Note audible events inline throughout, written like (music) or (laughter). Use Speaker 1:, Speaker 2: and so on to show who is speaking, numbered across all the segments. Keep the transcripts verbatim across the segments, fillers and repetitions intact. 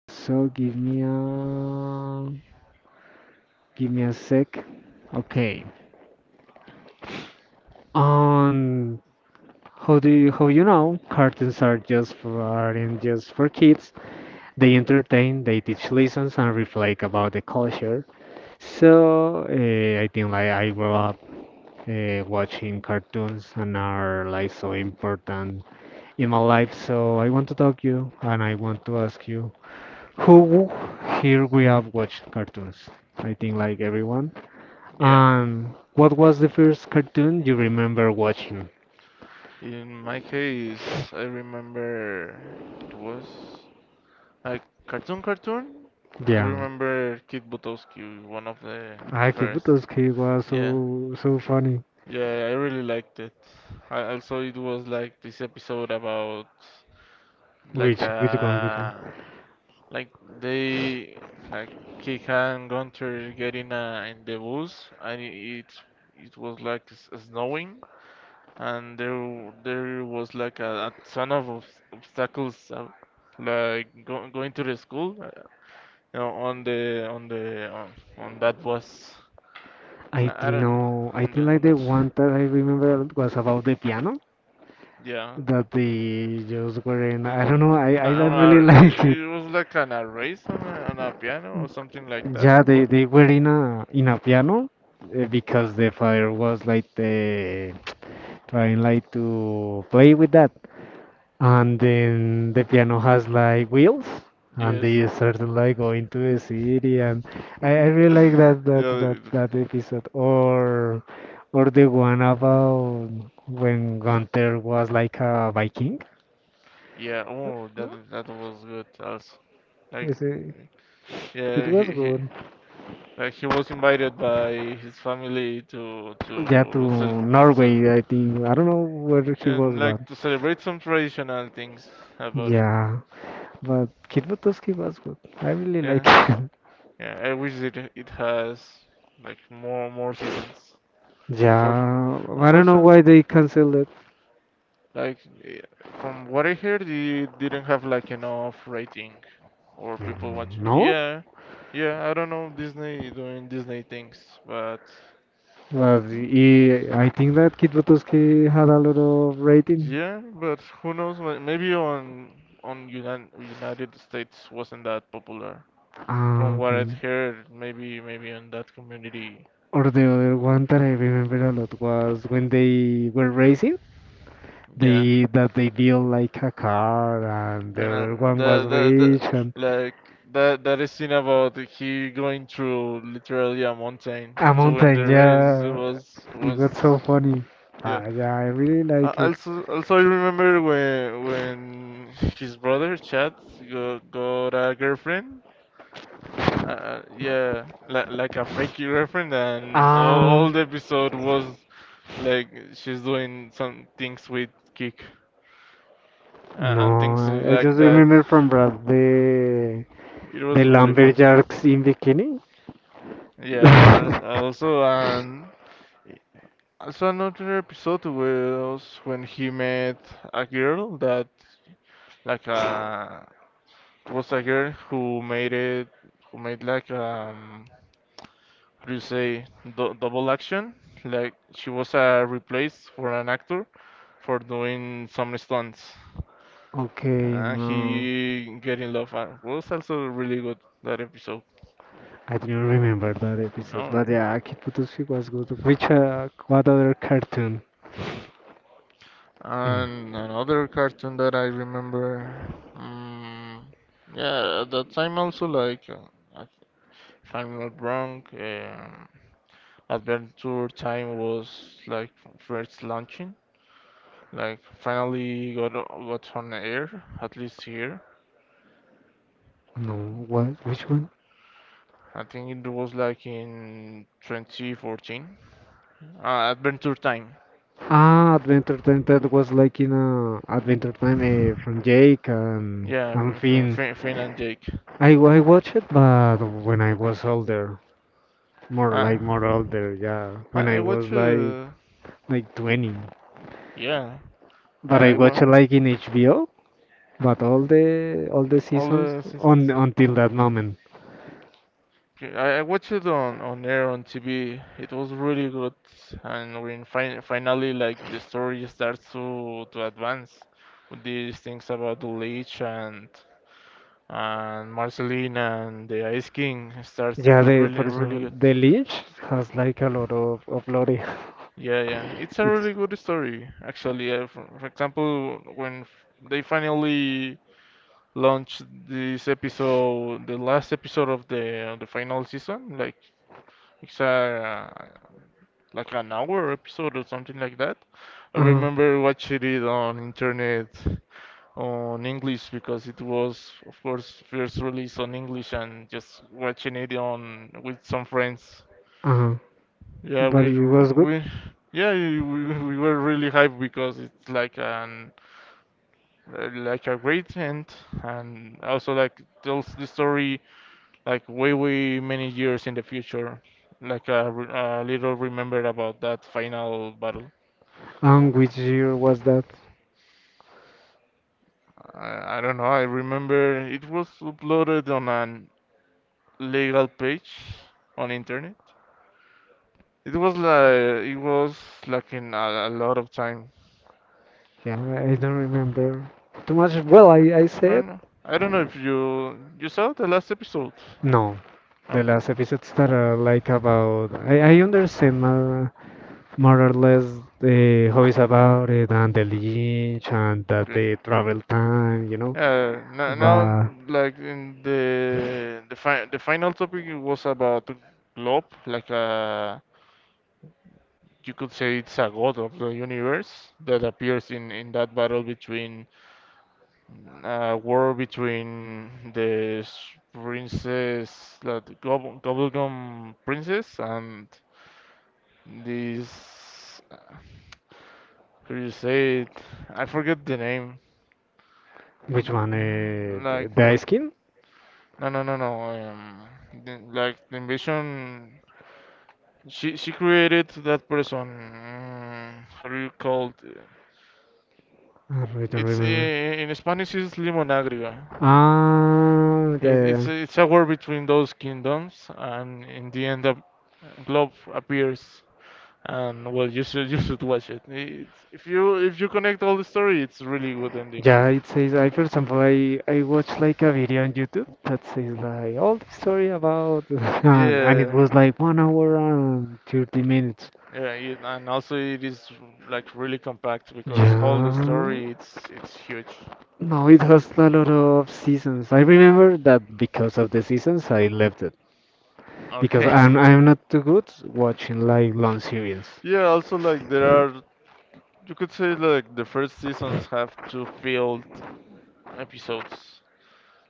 Speaker 1: so give me a give me a sec. Okay. Um, how do you how you know cartoons are just for aren't just for kids? They entertain, they teach lessons and reflect about the culture. So uh, I think like I grew up uh, watching cartoons and are like so important in my life. So I want to talk you and I want to ask you who here we have watched cartoons. I think like everyone.
Speaker 2: Yeah.
Speaker 1: And what was the first cartoon you remember watching?
Speaker 2: In my case, I remember it was like cartoon, cartoon. I
Speaker 1: Yeah,
Speaker 2: remember Kid Butowski, one of the
Speaker 1: Aki
Speaker 2: first.
Speaker 1: Butosuke was
Speaker 2: Yeah,
Speaker 1: so so funny.
Speaker 2: yeah, I really liked it. I also it was like this episode about like
Speaker 1: Which which one? Which one?
Speaker 2: a like they like Kika and Gunter getting uh, in the bus, and it it was like s- snowing, and there w- there was like a, a ton of obs- obstacles, uh, like go, going to the school, uh, you know, on the on the on, on that bus.
Speaker 1: I
Speaker 2: I, I
Speaker 1: think
Speaker 2: don't,
Speaker 1: no. I
Speaker 2: and
Speaker 1: think like
Speaker 2: then
Speaker 1: the one that I remember was about the piano
Speaker 2: yeah.
Speaker 1: that they just were in. I
Speaker 2: Uh,
Speaker 1: don't know. I
Speaker 2: no,
Speaker 1: I
Speaker 2: on
Speaker 1: don't
Speaker 2: a,
Speaker 1: really (laughs) like
Speaker 2: it,
Speaker 1: it.
Speaker 2: it was like on a race on a, on a piano or something like that.
Speaker 1: Yeah, they
Speaker 2: What?
Speaker 1: they were in a in a piano uh, because the father was like uh, trying like to play with that. And then the piano has like wheels, and
Speaker 2: Yes.
Speaker 1: they started like going to the city, and I, I really like that that
Speaker 2: Yeah,
Speaker 1: that that episode, or or the one about when Gunther was like a Viking.
Speaker 2: yeah, oh, that that was good also. Like,
Speaker 1: Is it,
Speaker 2: mm,
Speaker 1: it
Speaker 2: yeah,
Speaker 1: was
Speaker 2: he, he
Speaker 1: good.
Speaker 2: like he was invited by his family to
Speaker 1: Yeah, to
Speaker 2: to cel
Speaker 1: Norway,
Speaker 2: cel
Speaker 1: I think. I don't know where he
Speaker 2: and
Speaker 1: was, but
Speaker 2: like to celebrate some traditional things about it.
Speaker 1: yeah, but Kit Buttowski was good. I really like
Speaker 2: Yeah,
Speaker 1: it. (laughs)
Speaker 2: yeah. I wish it it has like more more seasons. Unfor
Speaker 1: Yeah, I don't know why
Speaker 2: unfortunately.
Speaker 1: they canceled it.
Speaker 2: Like, eh, from what I heard, it didn't have like enough rating or people
Speaker 1: Mm.
Speaker 2: watching.
Speaker 1: No?
Speaker 2: Yeah, yeah, I don't know, Disney doing Disney things, but
Speaker 1: Well, y- I think that Kid Buttowski had a lot of rating.
Speaker 2: yeah, but who knows? ma- Maybe on on United United States wasn't that popular. From
Speaker 1: Ah,
Speaker 2: what I'd
Speaker 1: okay.
Speaker 2: heard, maybe maybe on that community,
Speaker 1: Or the other one that I remember a lot was when they were racing,
Speaker 2: yeah.
Speaker 1: they that they built like a car, and the other
Speaker 2: And don't
Speaker 1: one was
Speaker 2: know, the the
Speaker 1: rich and
Speaker 2: the like that that scene about he going through literally a mountain
Speaker 1: a
Speaker 2: to win
Speaker 1: mountain.
Speaker 2: the race
Speaker 1: Yeah,
Speaker 2: was
Speaker 1: it got so
Speaker 2: was
Speaker 1: funny.
Speaker 2: yeah.
Speaker 1: Ah, yeah, I really
Speaker 2: Uh,
Speaker 1: like it.
Speaker 2: also, also I remember when when his brother Chad got, got a girlfriend. Uh, yeah, like like a fake girlfriend, and all,
Speaker 1: Ah,
Speaker 2: all the episode was like she's doing some things with Kick, uh, and
Speaker 1: no,
Speaker 2: things
Speaker 1: I, I
Speaker 2: like
Speaker 1: just
Speaker 2: that.
Speaker 1: remember from Brad the
Speaker 2: It
Speaker 1: the
Speaker 2: was really fun.
Speaker 1: lumberjacks in bikini.
Speaker 2: Yeah, als- also,
Speaker 1: (laughs)
Speaker 2: and also another episode was when he met a girl that, like, uh, it was a girl who made it, who made like, um, how do you say, dou double action? Like, she was uh, replaced for an actor for doing some stunts.
Speaker 1: Okay,
Speaker 2: And
Speaker 1: no,
Speaker 2: he get in love, and was also really good that episode,
Speaker 1: I didn't remember that
Speaker 2: you
Speaker 1: episode,
Speaker 2: know?
Speaker 1: but
Speaker 2: eh.
Speaker 1: yeah, Akitbutuski was good. Which, uh, what other cartoon? Eh,
Speaker 2: And another cartoon that I remember, mm, yeah, at that time also like, uh, I- if I'm not wrong, um, Adventure Time was like first launching, like finally got o- got on air, at least here.
Speaker 1: No, what? Which one?
Speaker 2: I think it was like in twenty fourteen. Uh, Adventure Time,
Speaker 1: Ah, Adventure Time. That was like in uh, Adventure Time uh, from Jake and
Speaker 2: yeah,
Speaker 1: and
Speaker 2: F- F-
Speaker 1: Finn.
Speaker 2: Finn Finn and Jake.
Speaker 1: I I watched it, but when I was older, more
Speaker 2: Uh,
Speaker 1: like more older, yeah, when
Speaker 2: I
Speaker 1: I
Speaker 2: I
Speaker 1: was
Speaker 2: watched,
Speaker 1: like
Speaker 2: uh,
Speaker 1: like twenty.
Speaker 2: yeah,
Speaker 1: But I
Speaker 2: I, I
Speaker 1: watched it
Speaker 2: wa
Speaker 1: like in H B O, but all the all the
Speaker 2: all
Speaker 1: seasons
Speaker 2: the seasons.
Speaker 1: on
Speaker 2: So
Speaker 1: until that moment.
Speaker 2: okay, I, I watched it on on air on T V. It was really good, and when fin finally like the story starts to to advance with these things about the Lich and and Marceline and the Ice King starts
Speaker 1: Yeah, the
Speaker 2: really
Speaker 1: for
Speaker 2: really
Speaker 1: example,
Speaker 2: good.
Speaker 1: the Lynch has like a lot of of lore. (laughs)
Speaker 2: Yeah, yeah, it's a
Speaker 1: It's
Speaker 2: really good story actually. Uh, for, for example, when f they finally launched this episode, the last episode of the of the final season, like. It's uh, like an hour episode or something like that. I
Speaker 1: uh
Speaker 2: remember watching it on internet on English because it was, of course, first released on English and just watching it on with some friends.
Speaker 1: uh,
Speaker 2: Yeah,
Speaker 1: but
Speaker 2: we
Speaker 1: it was
Speaker 2: r-
Speaker 1: good.
Speaker 2: we yeah we, we were really hyped because it's like an uh, like a great end, and also like tells the story like way way many years in the future, like a, a little remembered about that final battle.
Speaker 1: And which year was that?
Speaker 2: I, I don't know, I remember it was uploaded on an legal page on internet, it was like it was like in a, a lot of time.
Speaker 1: Yeah, I don't remember too much. Well, I I
Speaker 2: I
Speaker 1: said
Speaker 2: don't know, I don't know if you you saw the last episode.
Speaker 1: no. The
Speaker 2: No.
Speaker 1: last episodes that
Speaker 2: Eh,
Speaker 1: are like about I I understand uh, more or less the how it's about it and the Lynch and that
Speaker 2: okay,
Speaker 1: the travel time, you know.
Speaker 2: yeah now, now
Speaker 1: But
Speaker 2: like in the the, fi- the final topic was about globe, like a you could say it's a god of the universe that appears in, in that battle between uh, war between the s- princess, the Gob- Gobblegum princess, and this. uh, How do you say it? I forget the name.
Speaker 1: which one? Uh,
Speaker 2: Mm, like
Speaker 1: the, the ice cream?
Speaker 2: no no no no. Um, The, like the invasion. She she created that person. Mm, how do you call it?
Speaker 1: I don't
Speaker 2: It's i-
Speaker 1: remember.
Speaker 2: in Spanish is limón agrio.
Speaker 1: Ah, yeah, yeah,
Speaker 2: It, it's
Speaker 1: yeah.
Speaker 2: a- it's a war between those kingdoms, and in the end, a globe appears. And well, you should (laughs) you should watch it. It's, if you if you connect all the story, it's really good ending.
Speaker 1: Yeah, it says I, for example, I I watched like a video on YouTube that says like all the story about (laughs) and, and it
Speaker 2: Yeah,
Speaker 1: was like one hour and thirty minutes.
Speaker 2: yeah, it, and also it is like really compact because whole the
Speaker 1: Yeah.
Speaker 2: story it's it's huge.
Speaker 1: No, it has a lot of seasons. I remember that because of the seasons I left it because
Speaker 2: Okay. (laughs)
Speaker 1: I'm I'm not too good watching like long series.
Speaker 2: Yeah, also like there are, you could say like the first seasons have two filled episodes.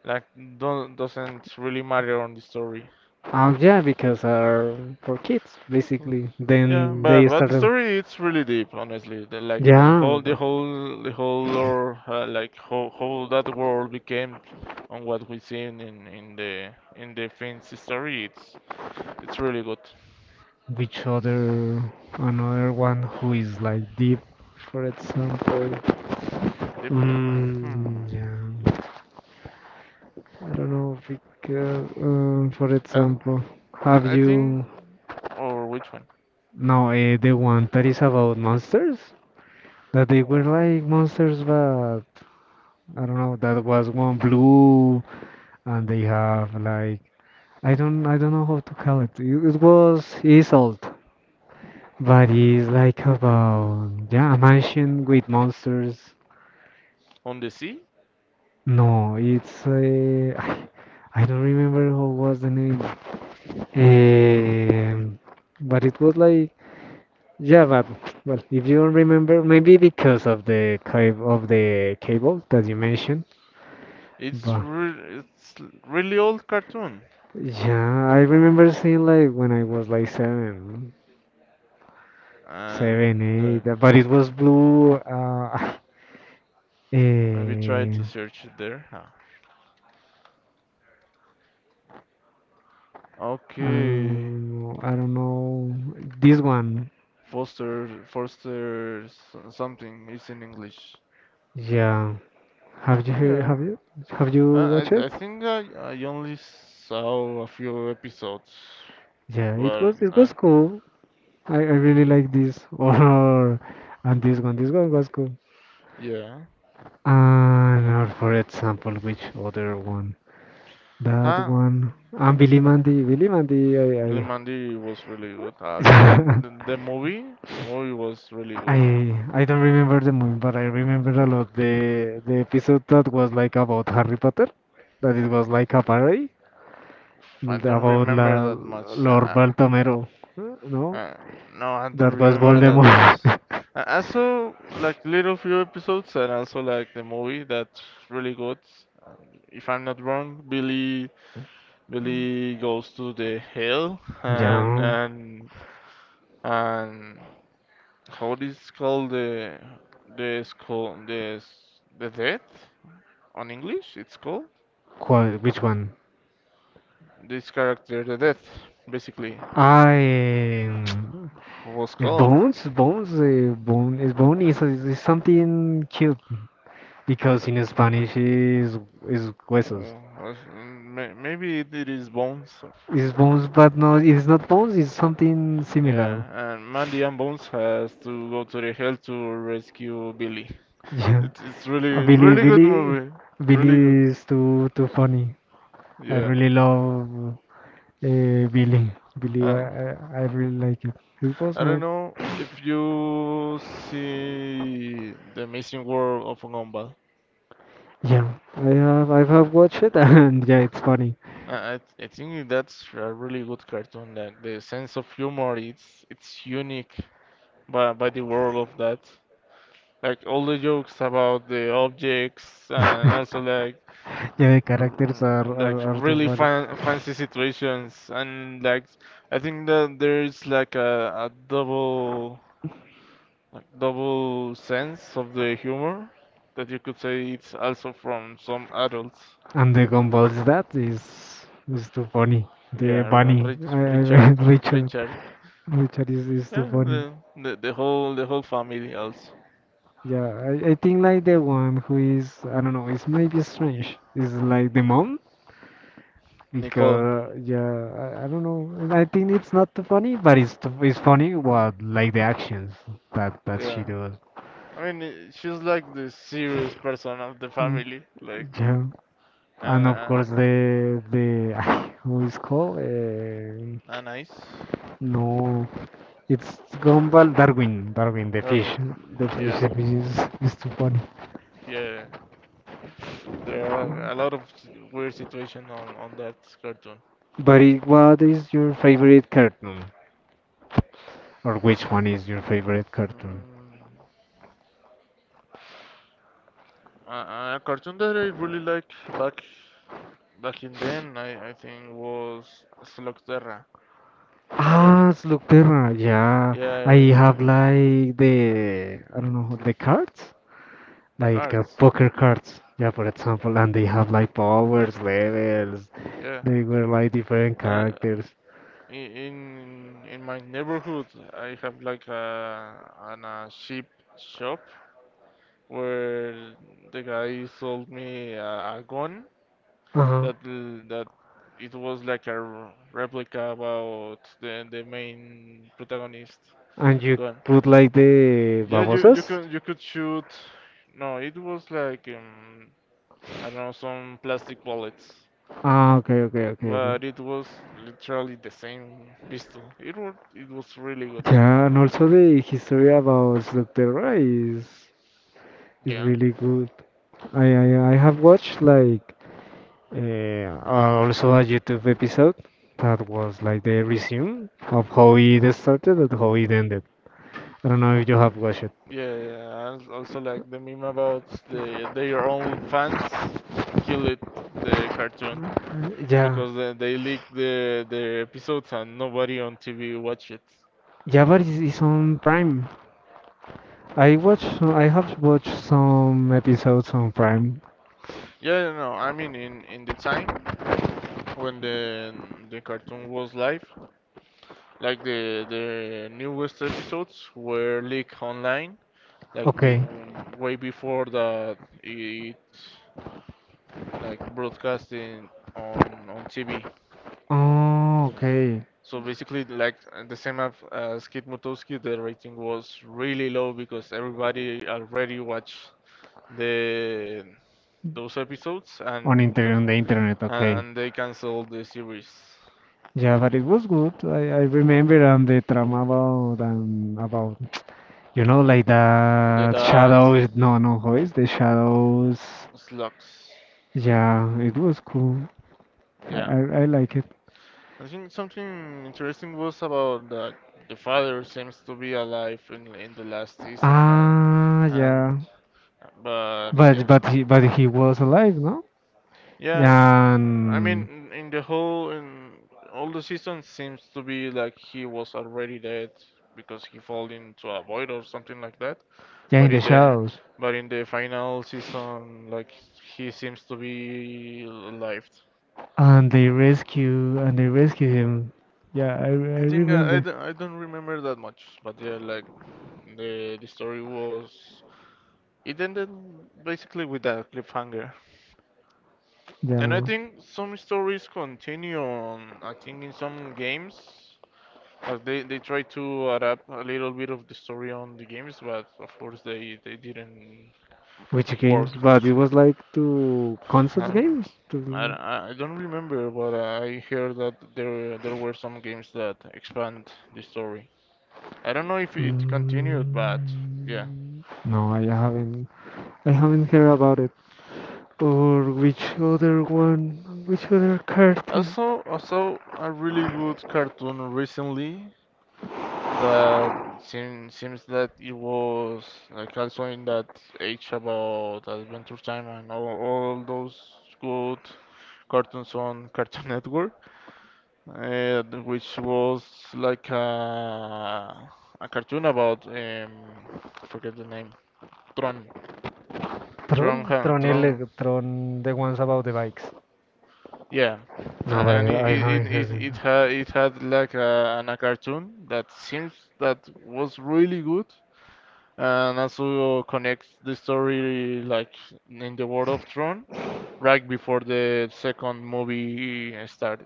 Speaker 2: Like don't doesn't really matter on the story.
Speaker 1: Oh yeah, because are for kids basically.
Speaker 2: Yeah,
Speaker 1: Then
Speaker 2: but
Speaker 1: they
Speaker 2: but the
Speaker 1: started.
Speaker 2: story it's really deep, honestly. The, like the
Speaker 1: Yeah,
Speaker 2: whole the whole the whole lore, uh, like how how that world became on what we seen in in the in the Finn's story. It's it's really good.
Speaker 1: which other another one who is like deep for example
Speaker 2: Deep deep. Hmm.
Speaker 1: mm, yeah I don't know because um, for
Speaker 2: I
Speaker 1: example have
Speaker 2: I think
Speaker 1: you
Speaker 2: or which one?
Speaker 1: no uh, the one that is about monsters that they were
Speaker 2: Oh.
Speaker 1: like monsters but I don't know that was one blue and they have like i don't i don't know how to call it it, it was Isolt but it's like about yeah a mansion with monsters.
Speaker 2: On the sea.
Speaker 1: No, it's uh, I I don't remember how was the name. Um, but it was like yeah, but well, if you don't remember, maybe because of the cab of the cable that you mentioned.
Speaker 2: It's
Speaker 1: But
Speaker 2: re it's l- really old cartoon,
Speaker 1: yeah, I remember seeing like when I was like seven, seven,
Speaker 2: and uh,
Speaker 1: eight. uh, But it was blue. Uh, (laughs) (sighs)
Speaker 2: maybe try
Speaker 1: eh,
Speaker 2: to search it there. Huh.
Speaker 1: I
Speaker 2: Okay.
Speaker 1: don't know. I don't know this one.
Speaker 2: Foster, Foster so- something is in English.
Speaker 1: Yeah, have you heard?
Speaker 2: Yeah,
Speaker 1: Have you have
Speaker 2: I,
Speaker 1: you watched it?
Speaker 2: I I think I, I only saw a few episodes,
Speaker 1: Yeah, it
Speaker 2: but
Speaker 1: was it was
Speaker 2: uh,
Speaker 1: cool. I, I really like this (laughs) or and this one. This one was cool.
Speaker 2: yeah.
Speaker 1: And or for example, which other one? That
Speaker 2: Huh?
Speaker 1: one. And Billy Mandy. Billy Mandy.
Speaker 2: Billy
Speaker 1: I
Speaker 2: Mandy was really good. I also like
Speaker 1: I
Speaker 2: the, the movie. The movie was really
Speaker 1: (laughs) I
Speaker 2: good.
Speaker 1: I don't remember the movie, but I remember a lot the the episode that was like about Harry Potter. That it was like a parody
Speaker 2: Oof, I don't
Speaker 1: about
Speaker 2: remember
Speaker 1: la,
Speaker 2: that much.
Speaker 1: Lord
Speaker 2: Uh,
Speaker 1: Baltomero. No,
Speaker 2: uh, no, I don't
Speaker 1: that was
Speaker 2: remember that much.
Speaker 1: Voldemort.
Speaker 2: I, I saw like little few episodes and also like the movie. That's really good. Um, If I'm not wrong, Billy Billy goes to the hill
Speaker 1: (laughs)
Speaker 2: and
Speaker 1: Yeah,
Speaker 2: and and how it is called the the school the s- the death, on English it's called
Speaker 1: qual which one?
Speaker 2: this character, the death, basically
Speaker 1: Ah, é, mm,
Speaker 2: was called
Speaker 1: bones, bones, uh, bone, is bone is, is, is something cute because
Speaker 2: like,
Speaker 1: in Spanish is is huesos.
Speaker 2: uh, was- may- maybe it is Bones or,
Speaker 1: It's bones, but no, it's not bones. It's something
Speaker 2: yeah,
Speaker 1: similar. (laughs)
Speaker 2: and Mandy and Bones has to go to the hill to rescue Billy.
Speaker 1: Yeah,
Speaker 2: it's it's really
Speaker 1: Uh, Billy,
Speaker 2: really good
Speaker 1: Billy,
Speaker 2: movie.
Speaker 1: Billy
Speaker 2: Really good,
Speaker 1: is too too funny. I
Speaker 2: yeah.
Speaker 1: really love uh, Billy. Billy, I,
Speaker 2: Uh,
Speaker 1: I I really like it. It was
Speaker 2: I
Speaker 1: my
Speaker 2: don't know if you see The Amazing World of Gumball.
Speaker 1: yeah. I have I have watched it (laughs) and yeah, it's funny.
Speaker 2: I, I I think that's a really good cartoon. Like the sense of humor, it's it's unique by by the world of that. Like all the jokes about the objects, and also
Speaker 1: (laughs)
Speaker 2: like
Speaker 1: Yeah, the characters are,
Speaker 2: r- like
Speaker 1: are, are too
Speaker 2: really
Speaker 1: funny.
Speaker 2: fan, fancy situations, and like I think that there's like a, a double like double sense of the humor that you could say it's also from some adults.
Speaker 1: And the Gumball's dad is is too funny. The
Speaker 2: Yeah, Ri-
Speaker 1: bunny,
Speaker 2: Rich,
Speaker 1: I, I,
Speaker 2: Richard,
Speaker 1: (laughs) Richard,
Speaker 2: Richard.
Speaker 1: Richard is, is too
Speaker 2: Yeah,
Speaker 1: funny.
Speaker 2: the, the the whole the whole family also.
Speaker 1: Yeah, I, I think like the one who is I don't know, it's maybe strange. Is like the mom
Speaker 2: Nicole.
Speaker 1: because yeah, I, I don't know. I think it's not too funny, but it's too, it's funny
Speaker 2: No.
Speaker 1: what like the actions that that she
Speaker 2: Yeah.
Speaker 1: does.
Speaker 2: I mean, eh, she's like the serious person of the
Speaker 1: Mm,
Speaker 2: family, like
Speaker 1: Yeah, and
Speaker 2: and
Speaker 1: of
Speaker 2: uh,
Speaker 1: course the the (laughs) who is called. Uh,
Speaker 2: and nice.
Speaker 1: No, it's Gumball Darwin, Darwin the
Speaker 2: Darwin.
Speaker 1: fish. The fish,
Speaker 2: Yeah,
Speaker 1: the fish is, is too funny.
Speaker 2: yeah. There are a lot of s- weird situation on on that cartoon.
Speaker 1: But it, what is your favorite cartoon? Or which one is your favorite cartoon?
Speaker 2: Mm, a, a cartoon that I really liked back back in then, I, I think was Slugterra. I don't. Know.
Speaker 1: Ah, Slug Terra, yeah.
Speaker 2: Yeah, I
Speaker 1: I
Speaker 2: really,
Speaker 1: have like the, I don't
Speaker 2: the
Speaker 1: know, the cards? Like uh,
Speaker 2: cards.
Speaker 1: poker cards, yeah, for example, and they have like powers, levels.
Speaker 2: Yeah.
Speaker 1: They were like different
Speaker 2: I,
Speaker 1: characters.
Speaker 2: in in my neighborhood, I have like a an a sheep shop where the guy sold me a, a gun
Speaker 1: Uh-huh.
Speaker 2: that l- that it was like a r- replica about the the main protagonist
Speaker 1: And you
Speaker 2: gun.
Speaker 1: put like the
Speaker 2: Yeah, you you
Speaker 1: babosas?
Speaker 2: could you could shoot. No, it was like um, I don't know, some plastic bullets.
Speaker 1: Ah, okay, okay, okay, okay.
Speaker 2: But it was literally the same pistol. It was, it was really good.
Speaker 1: Yeah, and also the history about Slugterra is is
Speaker 2: Yeah.
Speaker 1: really good. I I, I have watched like eh, uh, also a YouTube episode that was like the resume of how it started and how it ended. I don't know if you have watched it.
Speaker 2: Yeah, yeah. I als- also like the meme about the their own fans kill it the cartoon
Speaker 1: Uh, Yeah,
Speaker 2: because they, they leaked the the episodes and nobody on T V watch it.
Speaker 1: yeah, but it's, it's on Prime. I watch, I have watched some episodes on Prime.
Speaker 2: Yeah, yeah, no, I mean in in the time when the the cartoon was live, like the the newest episodes were leaked online like be,
Speaker 1: Okay.
Speaker 2: way before that it like broadcasting on on T V.
Speaker 1: Oh, okay.
Speaker 2: So basically, like the same as, as Kid Mutowski, the rating was really low because everybody already watched the those episodes
Speaker 1: On inter
Speaker 2: and
Speaker 1: on the internet. Okay.
Speaker 2: and they canceled the series.
Speaker 1: Yeah, but it was good. I, I remember and the drama about um, about you know like
Speaker 2: The
Speaker 1: that
Speaker 2: that
Speaker 1: shadows. No, no, how
Speaker 2: uh,
Speaker 1: is the shadows?
Speaker 2: slugs,
Speaker 1: Yeah, it was cool. I
Speaker 2: yeah.
Speaker 1: I, I like it.
Speaker 2: I think something interesting was about the the father seems to be alive in in the last season, and
Speaker 1: Ah,
Speaker 2: and
Speaker 1: yeah.
Speaker 2: but
Speaker 1: But
Speaker 2: yeah.
Speaker 1: but he but he was alive, no?
Speaker 2: Yeah,
Speaker 1: Yeah,
Speaker 2: mm, I mean
Speaker 1: and,
Speaker 2: in in the whole in all the season seems to be like he was already dead because he fall into a void or something like that,
Speaker 1: yeah, in
Speaker 2: but
Speaker 1: the
Speaker 2: in the
Speaker 1: shadows.
Speaker 2: but in the final season like he seems to be alive.
Speaker 1: And they rescue and they rescue him. Yeah, I
Speaker 2: I
Speaker 1: I
Speaker 2: think uh, I
Speaker 1: remember.
Speaker 2: don't, I don't remember that much, but yeah, like the the story was it ended basically with that cliffhanger, and I
Speaker 1: Yeah.
Speaker 2: think some stories continue on. I think in some games, like they they try to adapt a little bit of the story on the games, but of course they they didn't
Speaker 1: Which games?
Speaker 2: work.
Speaker 1: But it was like two console
Speaker 2: Huh?
Speaker 1: games.
Speaker 2: I, d-
Speaker 1: To
Speaker 2: I don't remember, but I heard that there there were some games that expand the story. I don't know if it continued, but yeah.
Speaker 1: Mm, no, I haven't. I haven't heard about it. Or which other one? Which other card is?
Speaker 2: Also, also a really good cartoon recently that seem, seems that it was like also in that age about Adventure Time and all, all those good cartoons on (laughs) Cartoon Network, uh, which was like a, a cartoon about um, I forget the name, Tron,
Speaker 1: Tron,
Speaker 2: Tron, Han-
Speaker 1: Tron,
Speaker 2: Tron.
Speaker 1: ele- Tron, the ones about the bikes.
Speaker 2: Yeah, uh,
Speaker 1: No, but
Speaker 2: and it
Speaker 1: I, I haven't
Speaker 2: it
Speaker 1: heard
Speaker 2: it,
Speaker 1: it.
Speaker 2: it had it had like a, an, a cartoon that seems that was really good, and also connects the story like in the World of Throne right before the second movie started,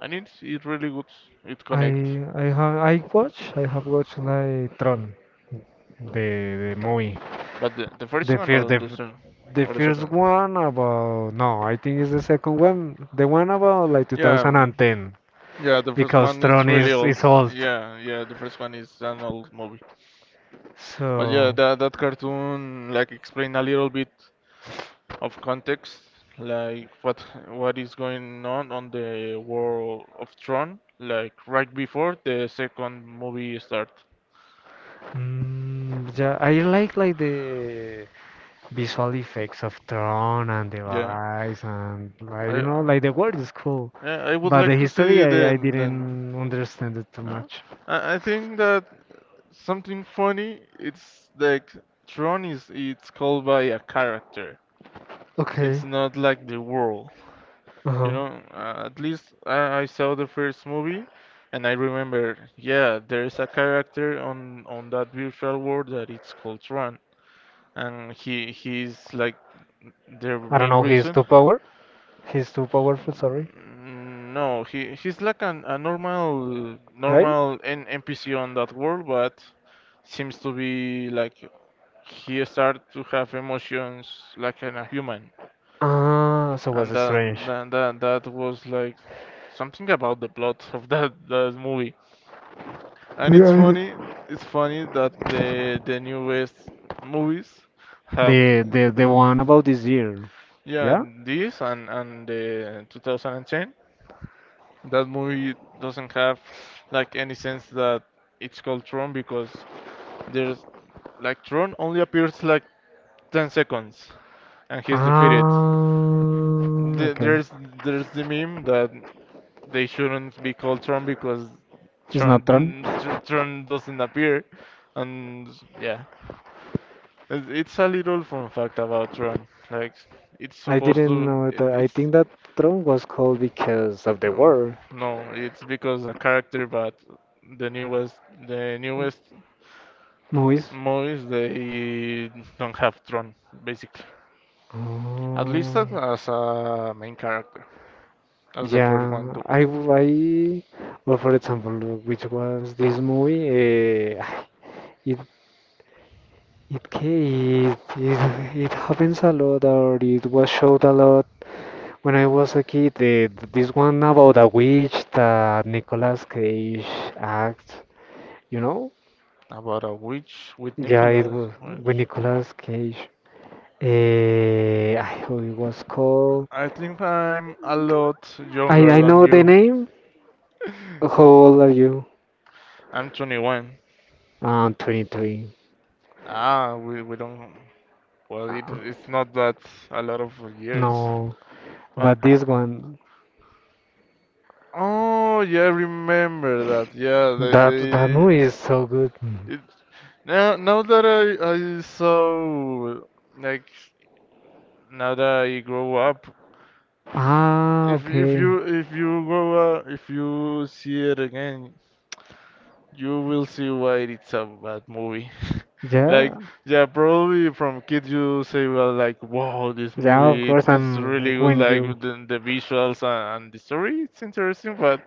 Speaker 2: and it's it really good. It connects,
Speaker 1: I I have I watch I have watched like Tron, the the movie.
Speaker 2: but the, the first
Speaker 1: The
Speaker 2: one
Speaker 1: first,
Speaker 2: or
Speaker 1: the,
Speaker 2: the
Speaker 1: f-
Speaker 2: second
Speaker 1: the
Speaker 2: or the
Speaker 1: first
Speaker 2: second?
Speaker 1: one about no, I think it's the second one. The one about like
Speaker 2: Yeah, um,
Speaker 1: two thousand ten
Speaker 2: yeah, the first
Speaker 1: because
Speaker 2: one is
Speaker 1: Tron
Speaker 2: really
Speaker 1: is
Speaker 2: old.
Speaker 1: is old.
Speaker 2: Yeah, yeah, the first one is an old movie. But yeah,
Speaker 1: So.
Speaker 2: that that cartoon like explain a little bit of context, like what what is going on on the World of Tron, like right before the second movie start.
Speaker 1: Mm, yeah, I like like the visual effects of Tron and the
Speaker 2: Yeah,
Speaker 1: lights and
Speaker 2: I
Speaker 1: like you know
Speaker 2: uh,
Speaker 1: like the world
Speaker 2: uh,
Speaker 1: is cool,
Speaker 2: yeah, I would
Speaker 1: but the
Speaker 2: like to
Speaker 1: history
Speaker 2: see
Speaker 1: I, I
Speaker 2: then then
Speaker 1: didn't understand it too
Speaker 2: No.
Speaker 1: much.
Speaker 2: I, I think that something funny. It's like Tron is it's called by a character.
Speaker 1: Okay.
Speaker 2: It's not like the world. You
Speaker 1: Uh-huh.
Speaker 2: know, uh, at least I, I saw the first movie and I remember, yeah, there is a character on on that virtual world that it's called Tron, and he he's like the
Speaker 1: I don't
Speaker 2: main
Speaker 1: know. He's
Speaker 2: reason.
Speaker 1: too power. He's too powerful. Sorry,
Speaker 2: Mm, no, he he's like an, a normal
Speaker 1: guy.
Speaker 2: normal N NPC on that world, but seems to be like he start to have emotions like in a human,
Speaker 1: Ah, so
Speaker 2: and
Speaker 1: was
Speaker 2: that
Speaker 1: strange.
Speaker 2: that that that was like something about the plot of that that movie. And it's
Speaker 1: Yeah.
Speaker 2: funny, it's funny that the the newest movies have,
Speaker 1: The the the one about this year.
Speaker 2: yeah,
Speaker 1: Yeah.
Speaker 2: this and and the two thousand ten. That movie doesn't have like any sense that it's called Tron because there's like Tron only appears like ten seconds, and he's defeated.
Speaker 1: Ah,
Speaker 2: The-
Speaker 1: okay.
Speaker 2: There's there's the meme that they shouldn't be called Tron because
Speaker 1: It's not Tron.
Speaker 2: Tron (laughs) Tr- Tron doesn't appear, and yeah. It- It's a little fun fact about Ron. Like, it's
Speaker 1: I
Speaker 2: supposed
Speaker 1: didn't
Speaker 2: to.
Speaker 1: know
Speaker 2: it-
Speaker 1: that. I
Speaker 2: It's
Speaker 1: think that throne was called because of the
Speaker 2: no,
Speaker 1: war
Speaker 2: no. It's because a character, but the newest, the newest
Speaker 1: movies.
Speaker 2: movies they don't have Ron basically. At least
Speaker 1: Oh,
Speaker 2: as as a main character, as the first one
Speaker 1: yeah.
Speaker 2: do.
Speaker 1: I, w- I, well, for example, which was this movie? Uh, (sighs) it, it, ca- it, it, it happens a lot, or it was showed a lot when I was a kid. The, this one about a witch that Nicolas Cage acts, you know?
Speaker 2: About a witch with
Speaker 1: Yeah, it
Speaker 2: Nicholas.
Speaker 1: was with
Speaker 2: Witch.
Speaker 1: Nicolas Cage. Eh, I who it was called?
Speaker 2: I think I'm a lot
Speaker 1: I
Speaker 2: younger
Speaker 1: I
Speaker 2: than
Speaker 1: know the
Speaker 2: you.
Speaker 1: name. How old are you?
Speaker 2: I'm twenty-one.
Speaker 1: Um, twenty-three.
Speaker 2: Ah, we, we don't. Well, it,
Speaker 1: Uh,
Speaker 2: it's not that a lot of years.
Speaker 1: no,
Speaker 2: Right?
Speaker 1: but this one,
Speaker 2: Oh, yeah, I remember that. Yeah, they
Speaker 1: that that
Speaker 2: they.
Speaker 1: movie is so good. Mhm.
Speaker 2: It, now now that I I saw like now that I grow up,
Speaker 1: Ah,
Speaker 2: if if
Speaker 1: okay.
Speaker 2: you if you grow up, if you see it again, you will see why it's a bad movie. (laughs) Like,
Speaker 1: Yeah,
Speaker 2: yeah, probably from kids you say, well, like, wow, this
Speaker 1: yeah. Of
Speaker 2: movie, it's,
Speaker 1: course,
Speaker 2: it's
Speaker 1: and
Speaker 2: really good,
Speaker 1: when
Speaker 2: like,
Speaker 1: you
Speaker 2: with the, the visuals and, and the story, it's interesting, but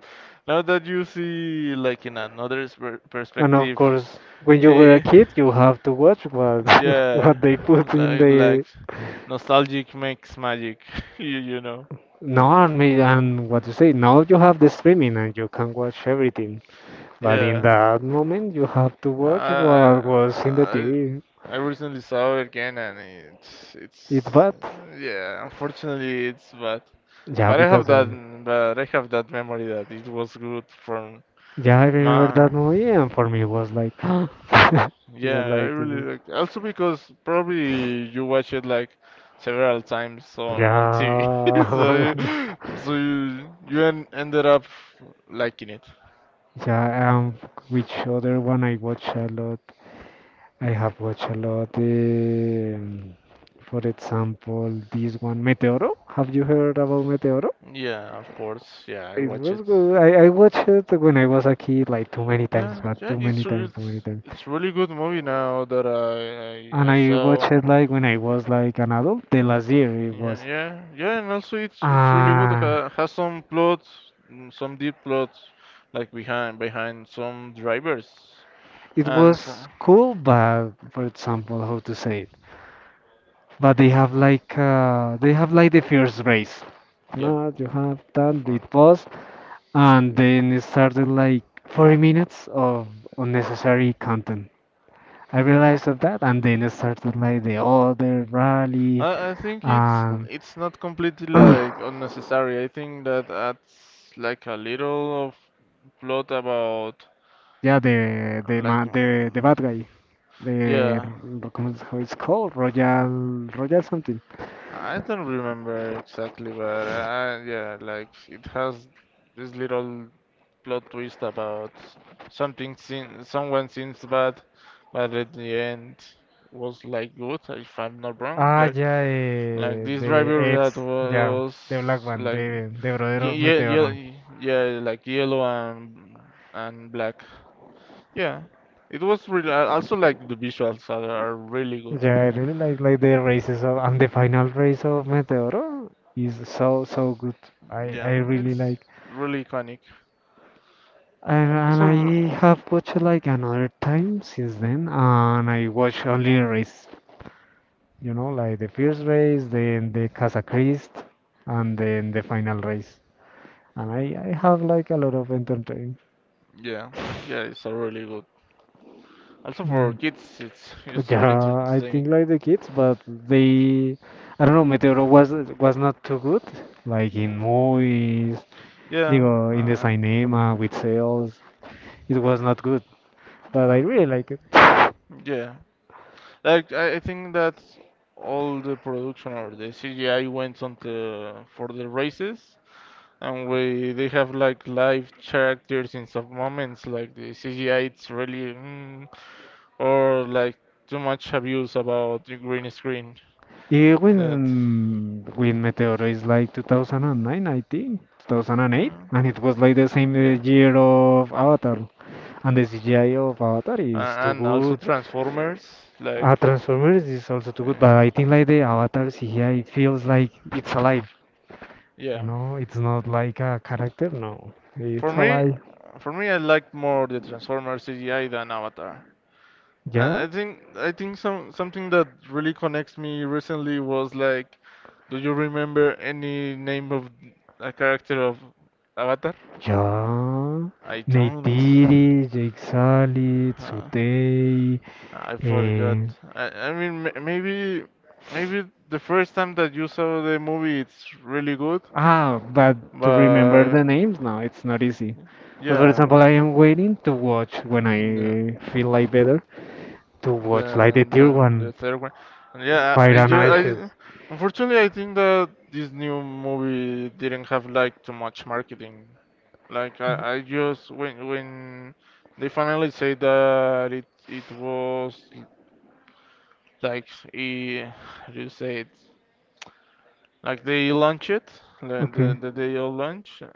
Speaker 2: now that you see, like, in another per-
Speaker 1: and of
Speaker 2: perspective,
Speaker 1: course when you were a
Speaker 2: eh,
Speaker 1: kid, you have to watch what (laughs)
Speaker 2: yeah,
Speaker 1: what they put in
Speaker 2: like, like,
Speaker 1: the.
Speaker 2: nostalgic makes magic, (laughs) you, you know,
Speaker 1: No, and me and what you say. Now you have the streaming and you can watch everything. But in
Speaker 2: yeah.
Speaker 1: that moment, you have to watch what was in the
Speaker 2: I,
Speaker 1: T V.
Speaker 2: I recently saw it again and it's
Speaker 1: It's
Speaker 2: it's
Speaker 1: bad.
Speaker 2: uh, yeah, unfortunately it's bad,
Speaker 1: Yeah,
Speaker 2: but I have
Speaker 1: because I,
Speaker 2: that, but I have that memory that it was good from
Speaker 1: yeah, I remember that
Speaker 2: my.
Speaker 1: movie, and for me, it was like, (gasps) it
Speaker 2: Yeah,
Speaker 1: was
Speaker 2: I
Speaker 1: like,
Speaker 2: really liked also because probably you watch it like several times on on T V (laughs) so
Speaker 1: yeah,
Speaker 2: you so you you en ended up liking it.
Speaker 1: (laughs) yeah. Um, which other one I watch a lot? I have watched a lot. Um, for example, this one, Meteoro. Have you heard about Meteoro?
Speaker 2: Yeah, of course, yeah, I
Speaker 1: It
Speaker 2: watch
Speaker 1: was
Speaker 2: it.
Speaker 1: good. I, I watched it when I was a kid, like too many times,
Speaker 2: Yeah,
Speaker 1: but
Speaker 2: yeah,
Speaker 1: too many
Speaker 2: it's
Speaker 1: times, too many
Speaker 2: it's
Speaker 1: times.
Speaker 2: it's really good movie now that I, I
Speaker 1: And
Speaker 2: I
Speaker 1: I watched
Speaker 2: saw.
Speaker 1: it like when I was like an adult. The last year it
Speaker 2: Yeah,
Speaker 1: was.
Speaker 2: yeah, yeah, and also it's it's really good.
Speaker 1: Uh,
Speaker 2: Ha, has some plot, mm, some deep plot, like behind behind some drivers,
Speaker 1: it
Speaker 2: and from
Speaker 1: was cool, but for example, how to say it? But they have like uh, they have like the first race.
Speaker 2: yeah,
Speaker 1: No, you have done the
Speaker 2: fro-
Speaker 1: pause, and then it started like forty minutes of unnecessary content. I realized of that, and then it started like the other rally,
Speaker 2: I I think it's
Speaker 1: and
Speaker 2: it's not completely
Speaker 1: (clears throat)
Speaker 2: like
Speaker 1: yeah,
Speaker 2: unnecessary. I think that adds like a little of plot about
Speaker 1: the the
Speaker 2: like
Speaker 1: man, the the
Speaker 2: mm,
Speaker 1: bad guy. De
Speaker 2: yeah,
Speaker 1: ro- ¿cómo es how it's called? Royal Royal something.
Speaker 2: I don't remember exactly, but uh, yeah, like it has this little plot twist about something seem someone seems bad, but at the end was like good, if I'm not wrong.
Speaker 1: Ah,
Speaker 2: Like
Speaker 1: ya,
Speaker 2: like
Speaker 1: eh,
Speaker 2: this driver
Speaker 1: de
Speaker 2: that
Speaker 1: Eds, ya,
Speaker 2: was
Speaker 1: de Black One,
Speaker 2: like
Speaker 1: de, de Brother
Speaker 2: ye
Speaker 1: of
Speaker 2: yeah
Speaker 1: Meteoro.
Speaker 2: yeah yeah, like yellow and and black. Yeah, it was really also like the visuals are, are really good.
Speaker 1: Yeah, I really like, like the races of, and the final race of Meteoro is so, so good. I, I
Speaker 2: Yeah,
Speaker 1: really
Speaker 2: it's
Speaker 1: like.
Speaker 2: really iconic.
Speaker 1: And, and
Speaker 2: Also.
Speaker 1: I have watched like another time since then, and I watch only race, you know, like the first race, then the Casa Christ, and then the final race. And I, I have like a lot of entertain.
Speaker 2: Yeah, yeah, it's a really good. Also for
Speaker 1: Mm.
Speaker 2: kids, it's it's really
Speaker 1: Yeah, I
Speaker 2: entertaining.
Speaker 1: think like the kids, but they, I don't know, Meteoro was was not too good, like in movies, you
Speaker 2: Yeah,
Speaker 1: know, in the
Speaker 2: uh,
Speaker 1: cinema with sales, it was not good. But
Speaker 2: uh,
Speaker 1: I really like it.
Speaker 2: yeah. Like I I think that all the production or the C G I went on the for the races, and we they have like live characters in some moments. Like the C G I, it's really mm, or like too much abuse about the green screen.
Speaker 1: Even
Speaker 2: That
Speaker 1: when when Meteoro is like two thousand nine, I think two thousand eight,
Speaker 2: mm,
Speaker 1: and it was like the same uh,
Speaker 2: yeah,
Speaker 1: year of Avatar, and the C G I of Avatar
Speaker 2: uh,
Speaker 1: is too
Speaker 2: and also
Speaker 1: good.
Speaker 2: Transformers like.
Speaker 1: Uh, Transformers is also too good,
Speaker 2: Uh,
Speaker 1: but I think like the Avatar C G I it feels like it's alive. You
Speaker 2: yeah,
Speaker 1: know, it's not like a character. No,
Speaker 2: For
Speaker 1: it's
Speaker 2: me,
Speaker 1: alive.
Speaker 2: for me, I like more the Transformers C G I than Avatar. I
Speaker 1: Yeah,
Speaker 2: I think I think some something that really connects me recently was like, do you remember any name of a character of Avatar?
Speaker 1: yeah. Ja.
Speaker 2: I don't.
Speaker 1: Neytiri, Jake Sully,
Speaker 2: Uh,
Speaker 1: Tsutei.
Speaker 2: I forgot.
Speaker 1: Eh.
Speaker 2: I, I mean, ma- maybe maybe the first time that you saw the movie, it's really good,
Speaker 1: Ah, but to remember the
Speaker 2: but
Speaker 1: names, no, it's not easy. But for
Speaker 2: yeah,
Speaker 1: example, I am waiting to watch when
Speaker 2: no.
Speaker 1: I feel like better to watch like
Speaker 2: The
Speaker 1: the
Speaker 2: the,
Speaker 1: tier one
Speaker 2: the third one. And yeah, I,
Speaker 1: Fire
Speaker 2: I,
Speaker 1: and
Speaker 2: ju-
Speaker 1: Ashes.
Speaker 2: I unfortunately I think that this new movie didn't have like too much marketing. Like I, I just when when they finally say that it it was like eh, how do you say it? Like they launch it, the
Speaker 1: Okay.
Speaker 2: the, the day of launch. uh,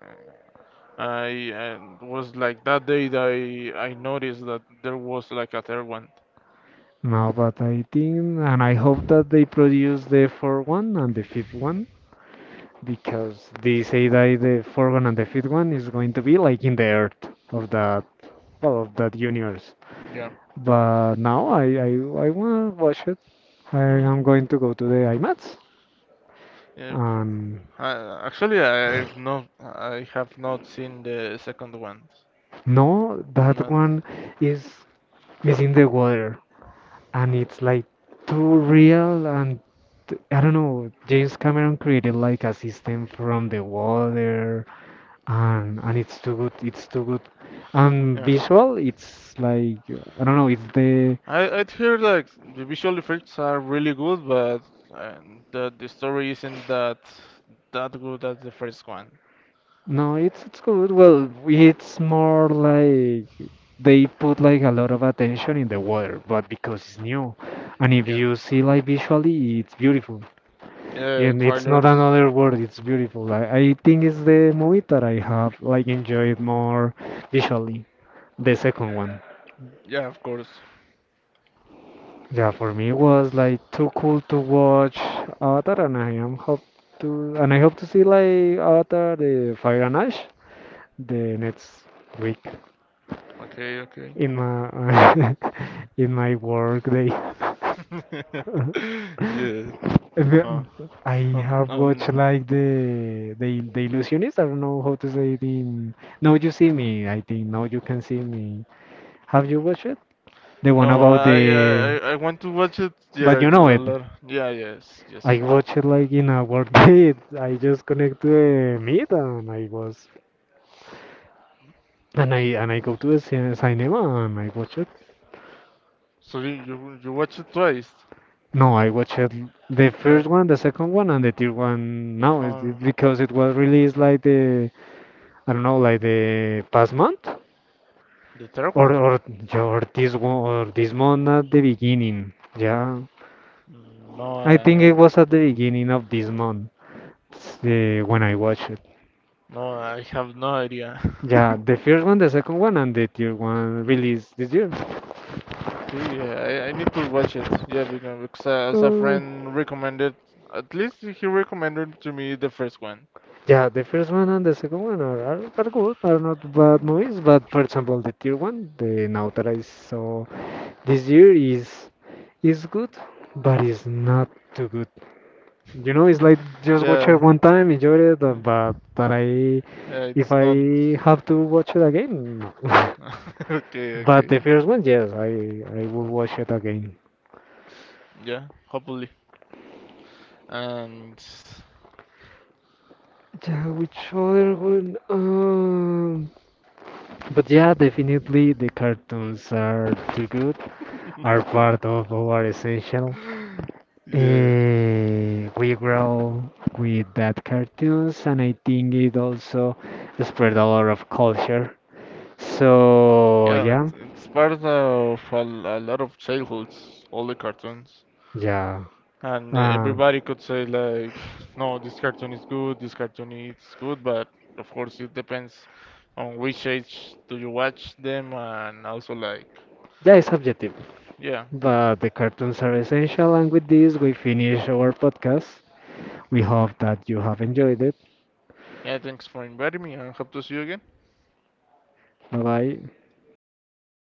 Speaker 2: I and was like that day that I I noticed that there was like a third one.
Speaker 1: No, but I think, and I hope that they produce the fourth one and the fifth one, because they say that the fourth one and the fifth one is going to be like in the earth of that, well, of that universe.
Speaker 2: Yeah.
Speaker 1: But now I, I, I want to watch it. I am going to go to the IMAX.
Speaker 2: Yeah, f-
Speaker 1: And
Speaker 2: I- actually, I've not, I have not seen the second one.
Speaker 1: no, that
Speaker 2: Not,
Speaker 1: one is is in the water, and it's like too real and I don't know, James Cameron created like a system from the water and and it's too good it's too good and
Speaker 2: yeah.
Speaker 1: visual it's like I don't know it's the
Speaker 2: I I'd hear like the visual effects are really good, but uh, the the story isn't that that good as the first one.
Speaker 1: no it's it's good, well it's more like they put like a lot of attention in the water but because it's new and if
Speaker 2: Yeah,
Speaker 1: you see like visually it's beautiful
Speaker 2: yeah,
Speaker 1: and it's not
Speaker 2: trailers.
Speaker 1: another word, it's beautiful. I, I think it's the movie that I have like enjoyed more visually, the second one.
Speaker 2: Yeah, of course.
Speaker 1: Yeah, for me it was like too cool to watch Avatar, and I am hope to and I hope to see like Avatar, the Fire and Ash, the next week
Speaker 2: Okay, okay.
Speaker 1: in
Speaker 2: (laughs)
Speaker 1: my (laughs) in my work day. (laughs)
Speaker 2: Yes. Oh,
Speaker 1: The- I
Speaker 2: um,
Speaker 1: have watched
Speaker 2: um,
Speaker 1: like the the the Illusionist. I don't know how to say it in. Now you see me. I think now you can see me. Have you watched it? The one
Speaker 2: no,
Speaker 1: about the.
Speaker 2: I, I, I I want to watch it.
Speaker 1: But
Speaker 2: Yeah,
Speaker 1: you know
Speaker 2: a
Speaker 1: it.
Speaker 2: lot. Yeah, yes, yes.
Speaker 1: I watch it like in a work (laughs) day. I just connect to the Meet and I was and I and I go to the cin- cinema and I watch it.
Speaker 2: So you you, you watch it twice,
Speaker 1: No, I watch it the first
Speaker 2: like
Speaker 1: one, the second one, and the third one now is it-
Speaker 2: on
Speaker 1: because it was released like the I don't know like the past month
Speaker 2: the third
Speaker 1: or
Speaker 2: one?
Speaker 1: or yeah, or this one or this month at the beginning. Yeah,
Speaker 2: Mm, no,
Speaker 1: I think
Speaker 2: I,
Speaker 1: it was at the beginning of this month uh, when I watched it.
Speaker 2: no, I have no idea.
Speaker 1: Yeah,
Speaker 2: (laughs)
Speaker 1: the first one, the second one, and the third one released this year.
Speaker 2: Okay, yeah, I, I need to watch it. Yeah, because, because uh, as a
Speaker 1: Uh,
Speaker 2: friend recommended, at least he recommended to me the first one.
Speaker 1: yeah, the first one and the second one are, are, are good, are not bad movies, but for example, the third one, the now that I saw this year is is good, but it's not too good. You know, it's like just watch it
Speaker 2: Yeah,
Speaker 1: one time, enjoy it, uh,
Speaker 2: mm,
Speaker 1: but that I
Speaker 2: yeah,
Speaker 1: if
Speaker 2: it's not.
Speaker 1: I have to watch it again, no. (laughs)
Speaker 2: (laughs) Okay,
Speaker 1: But the
Speaker 2: okay.
Speaker 1: first one, yes, I I will watch it again.
Speaker 2: Yeah, hopefully. And
Speaker 1: Yeah, which other one? Um, but yeah, definitely the cartoons are too good. Are part of our essential.
Speaker 2: yeah,
Speaker 1: Eh, we grow with that cartoons, and I think it also spread a lot of culture. So
Speaker 2: yeah,
Speaker 1: yeah,
Speaker 2: it's it's part of a, l- a lot of childhoods, all the cartoons.
Speaker 1: yeah,
Speaker 2: And
Speaker 1: uh,
Speaker 2: everybody could say like, no, this cartoon is good, this cartoon is good, but of course it depends on which age do you watch them, and also like,
Speaker 1: yeah, it's objective,
Speaker 2: yeah,
Speaker 1: but the cartoons are essential. And with this, we finish our podcast. We hope that you have enjoyed it.
Speaker 2: yeah. Thanks for inviting me, and hope to see you again.
Speaker 1: Bye bye.
Speaker 2: Bye.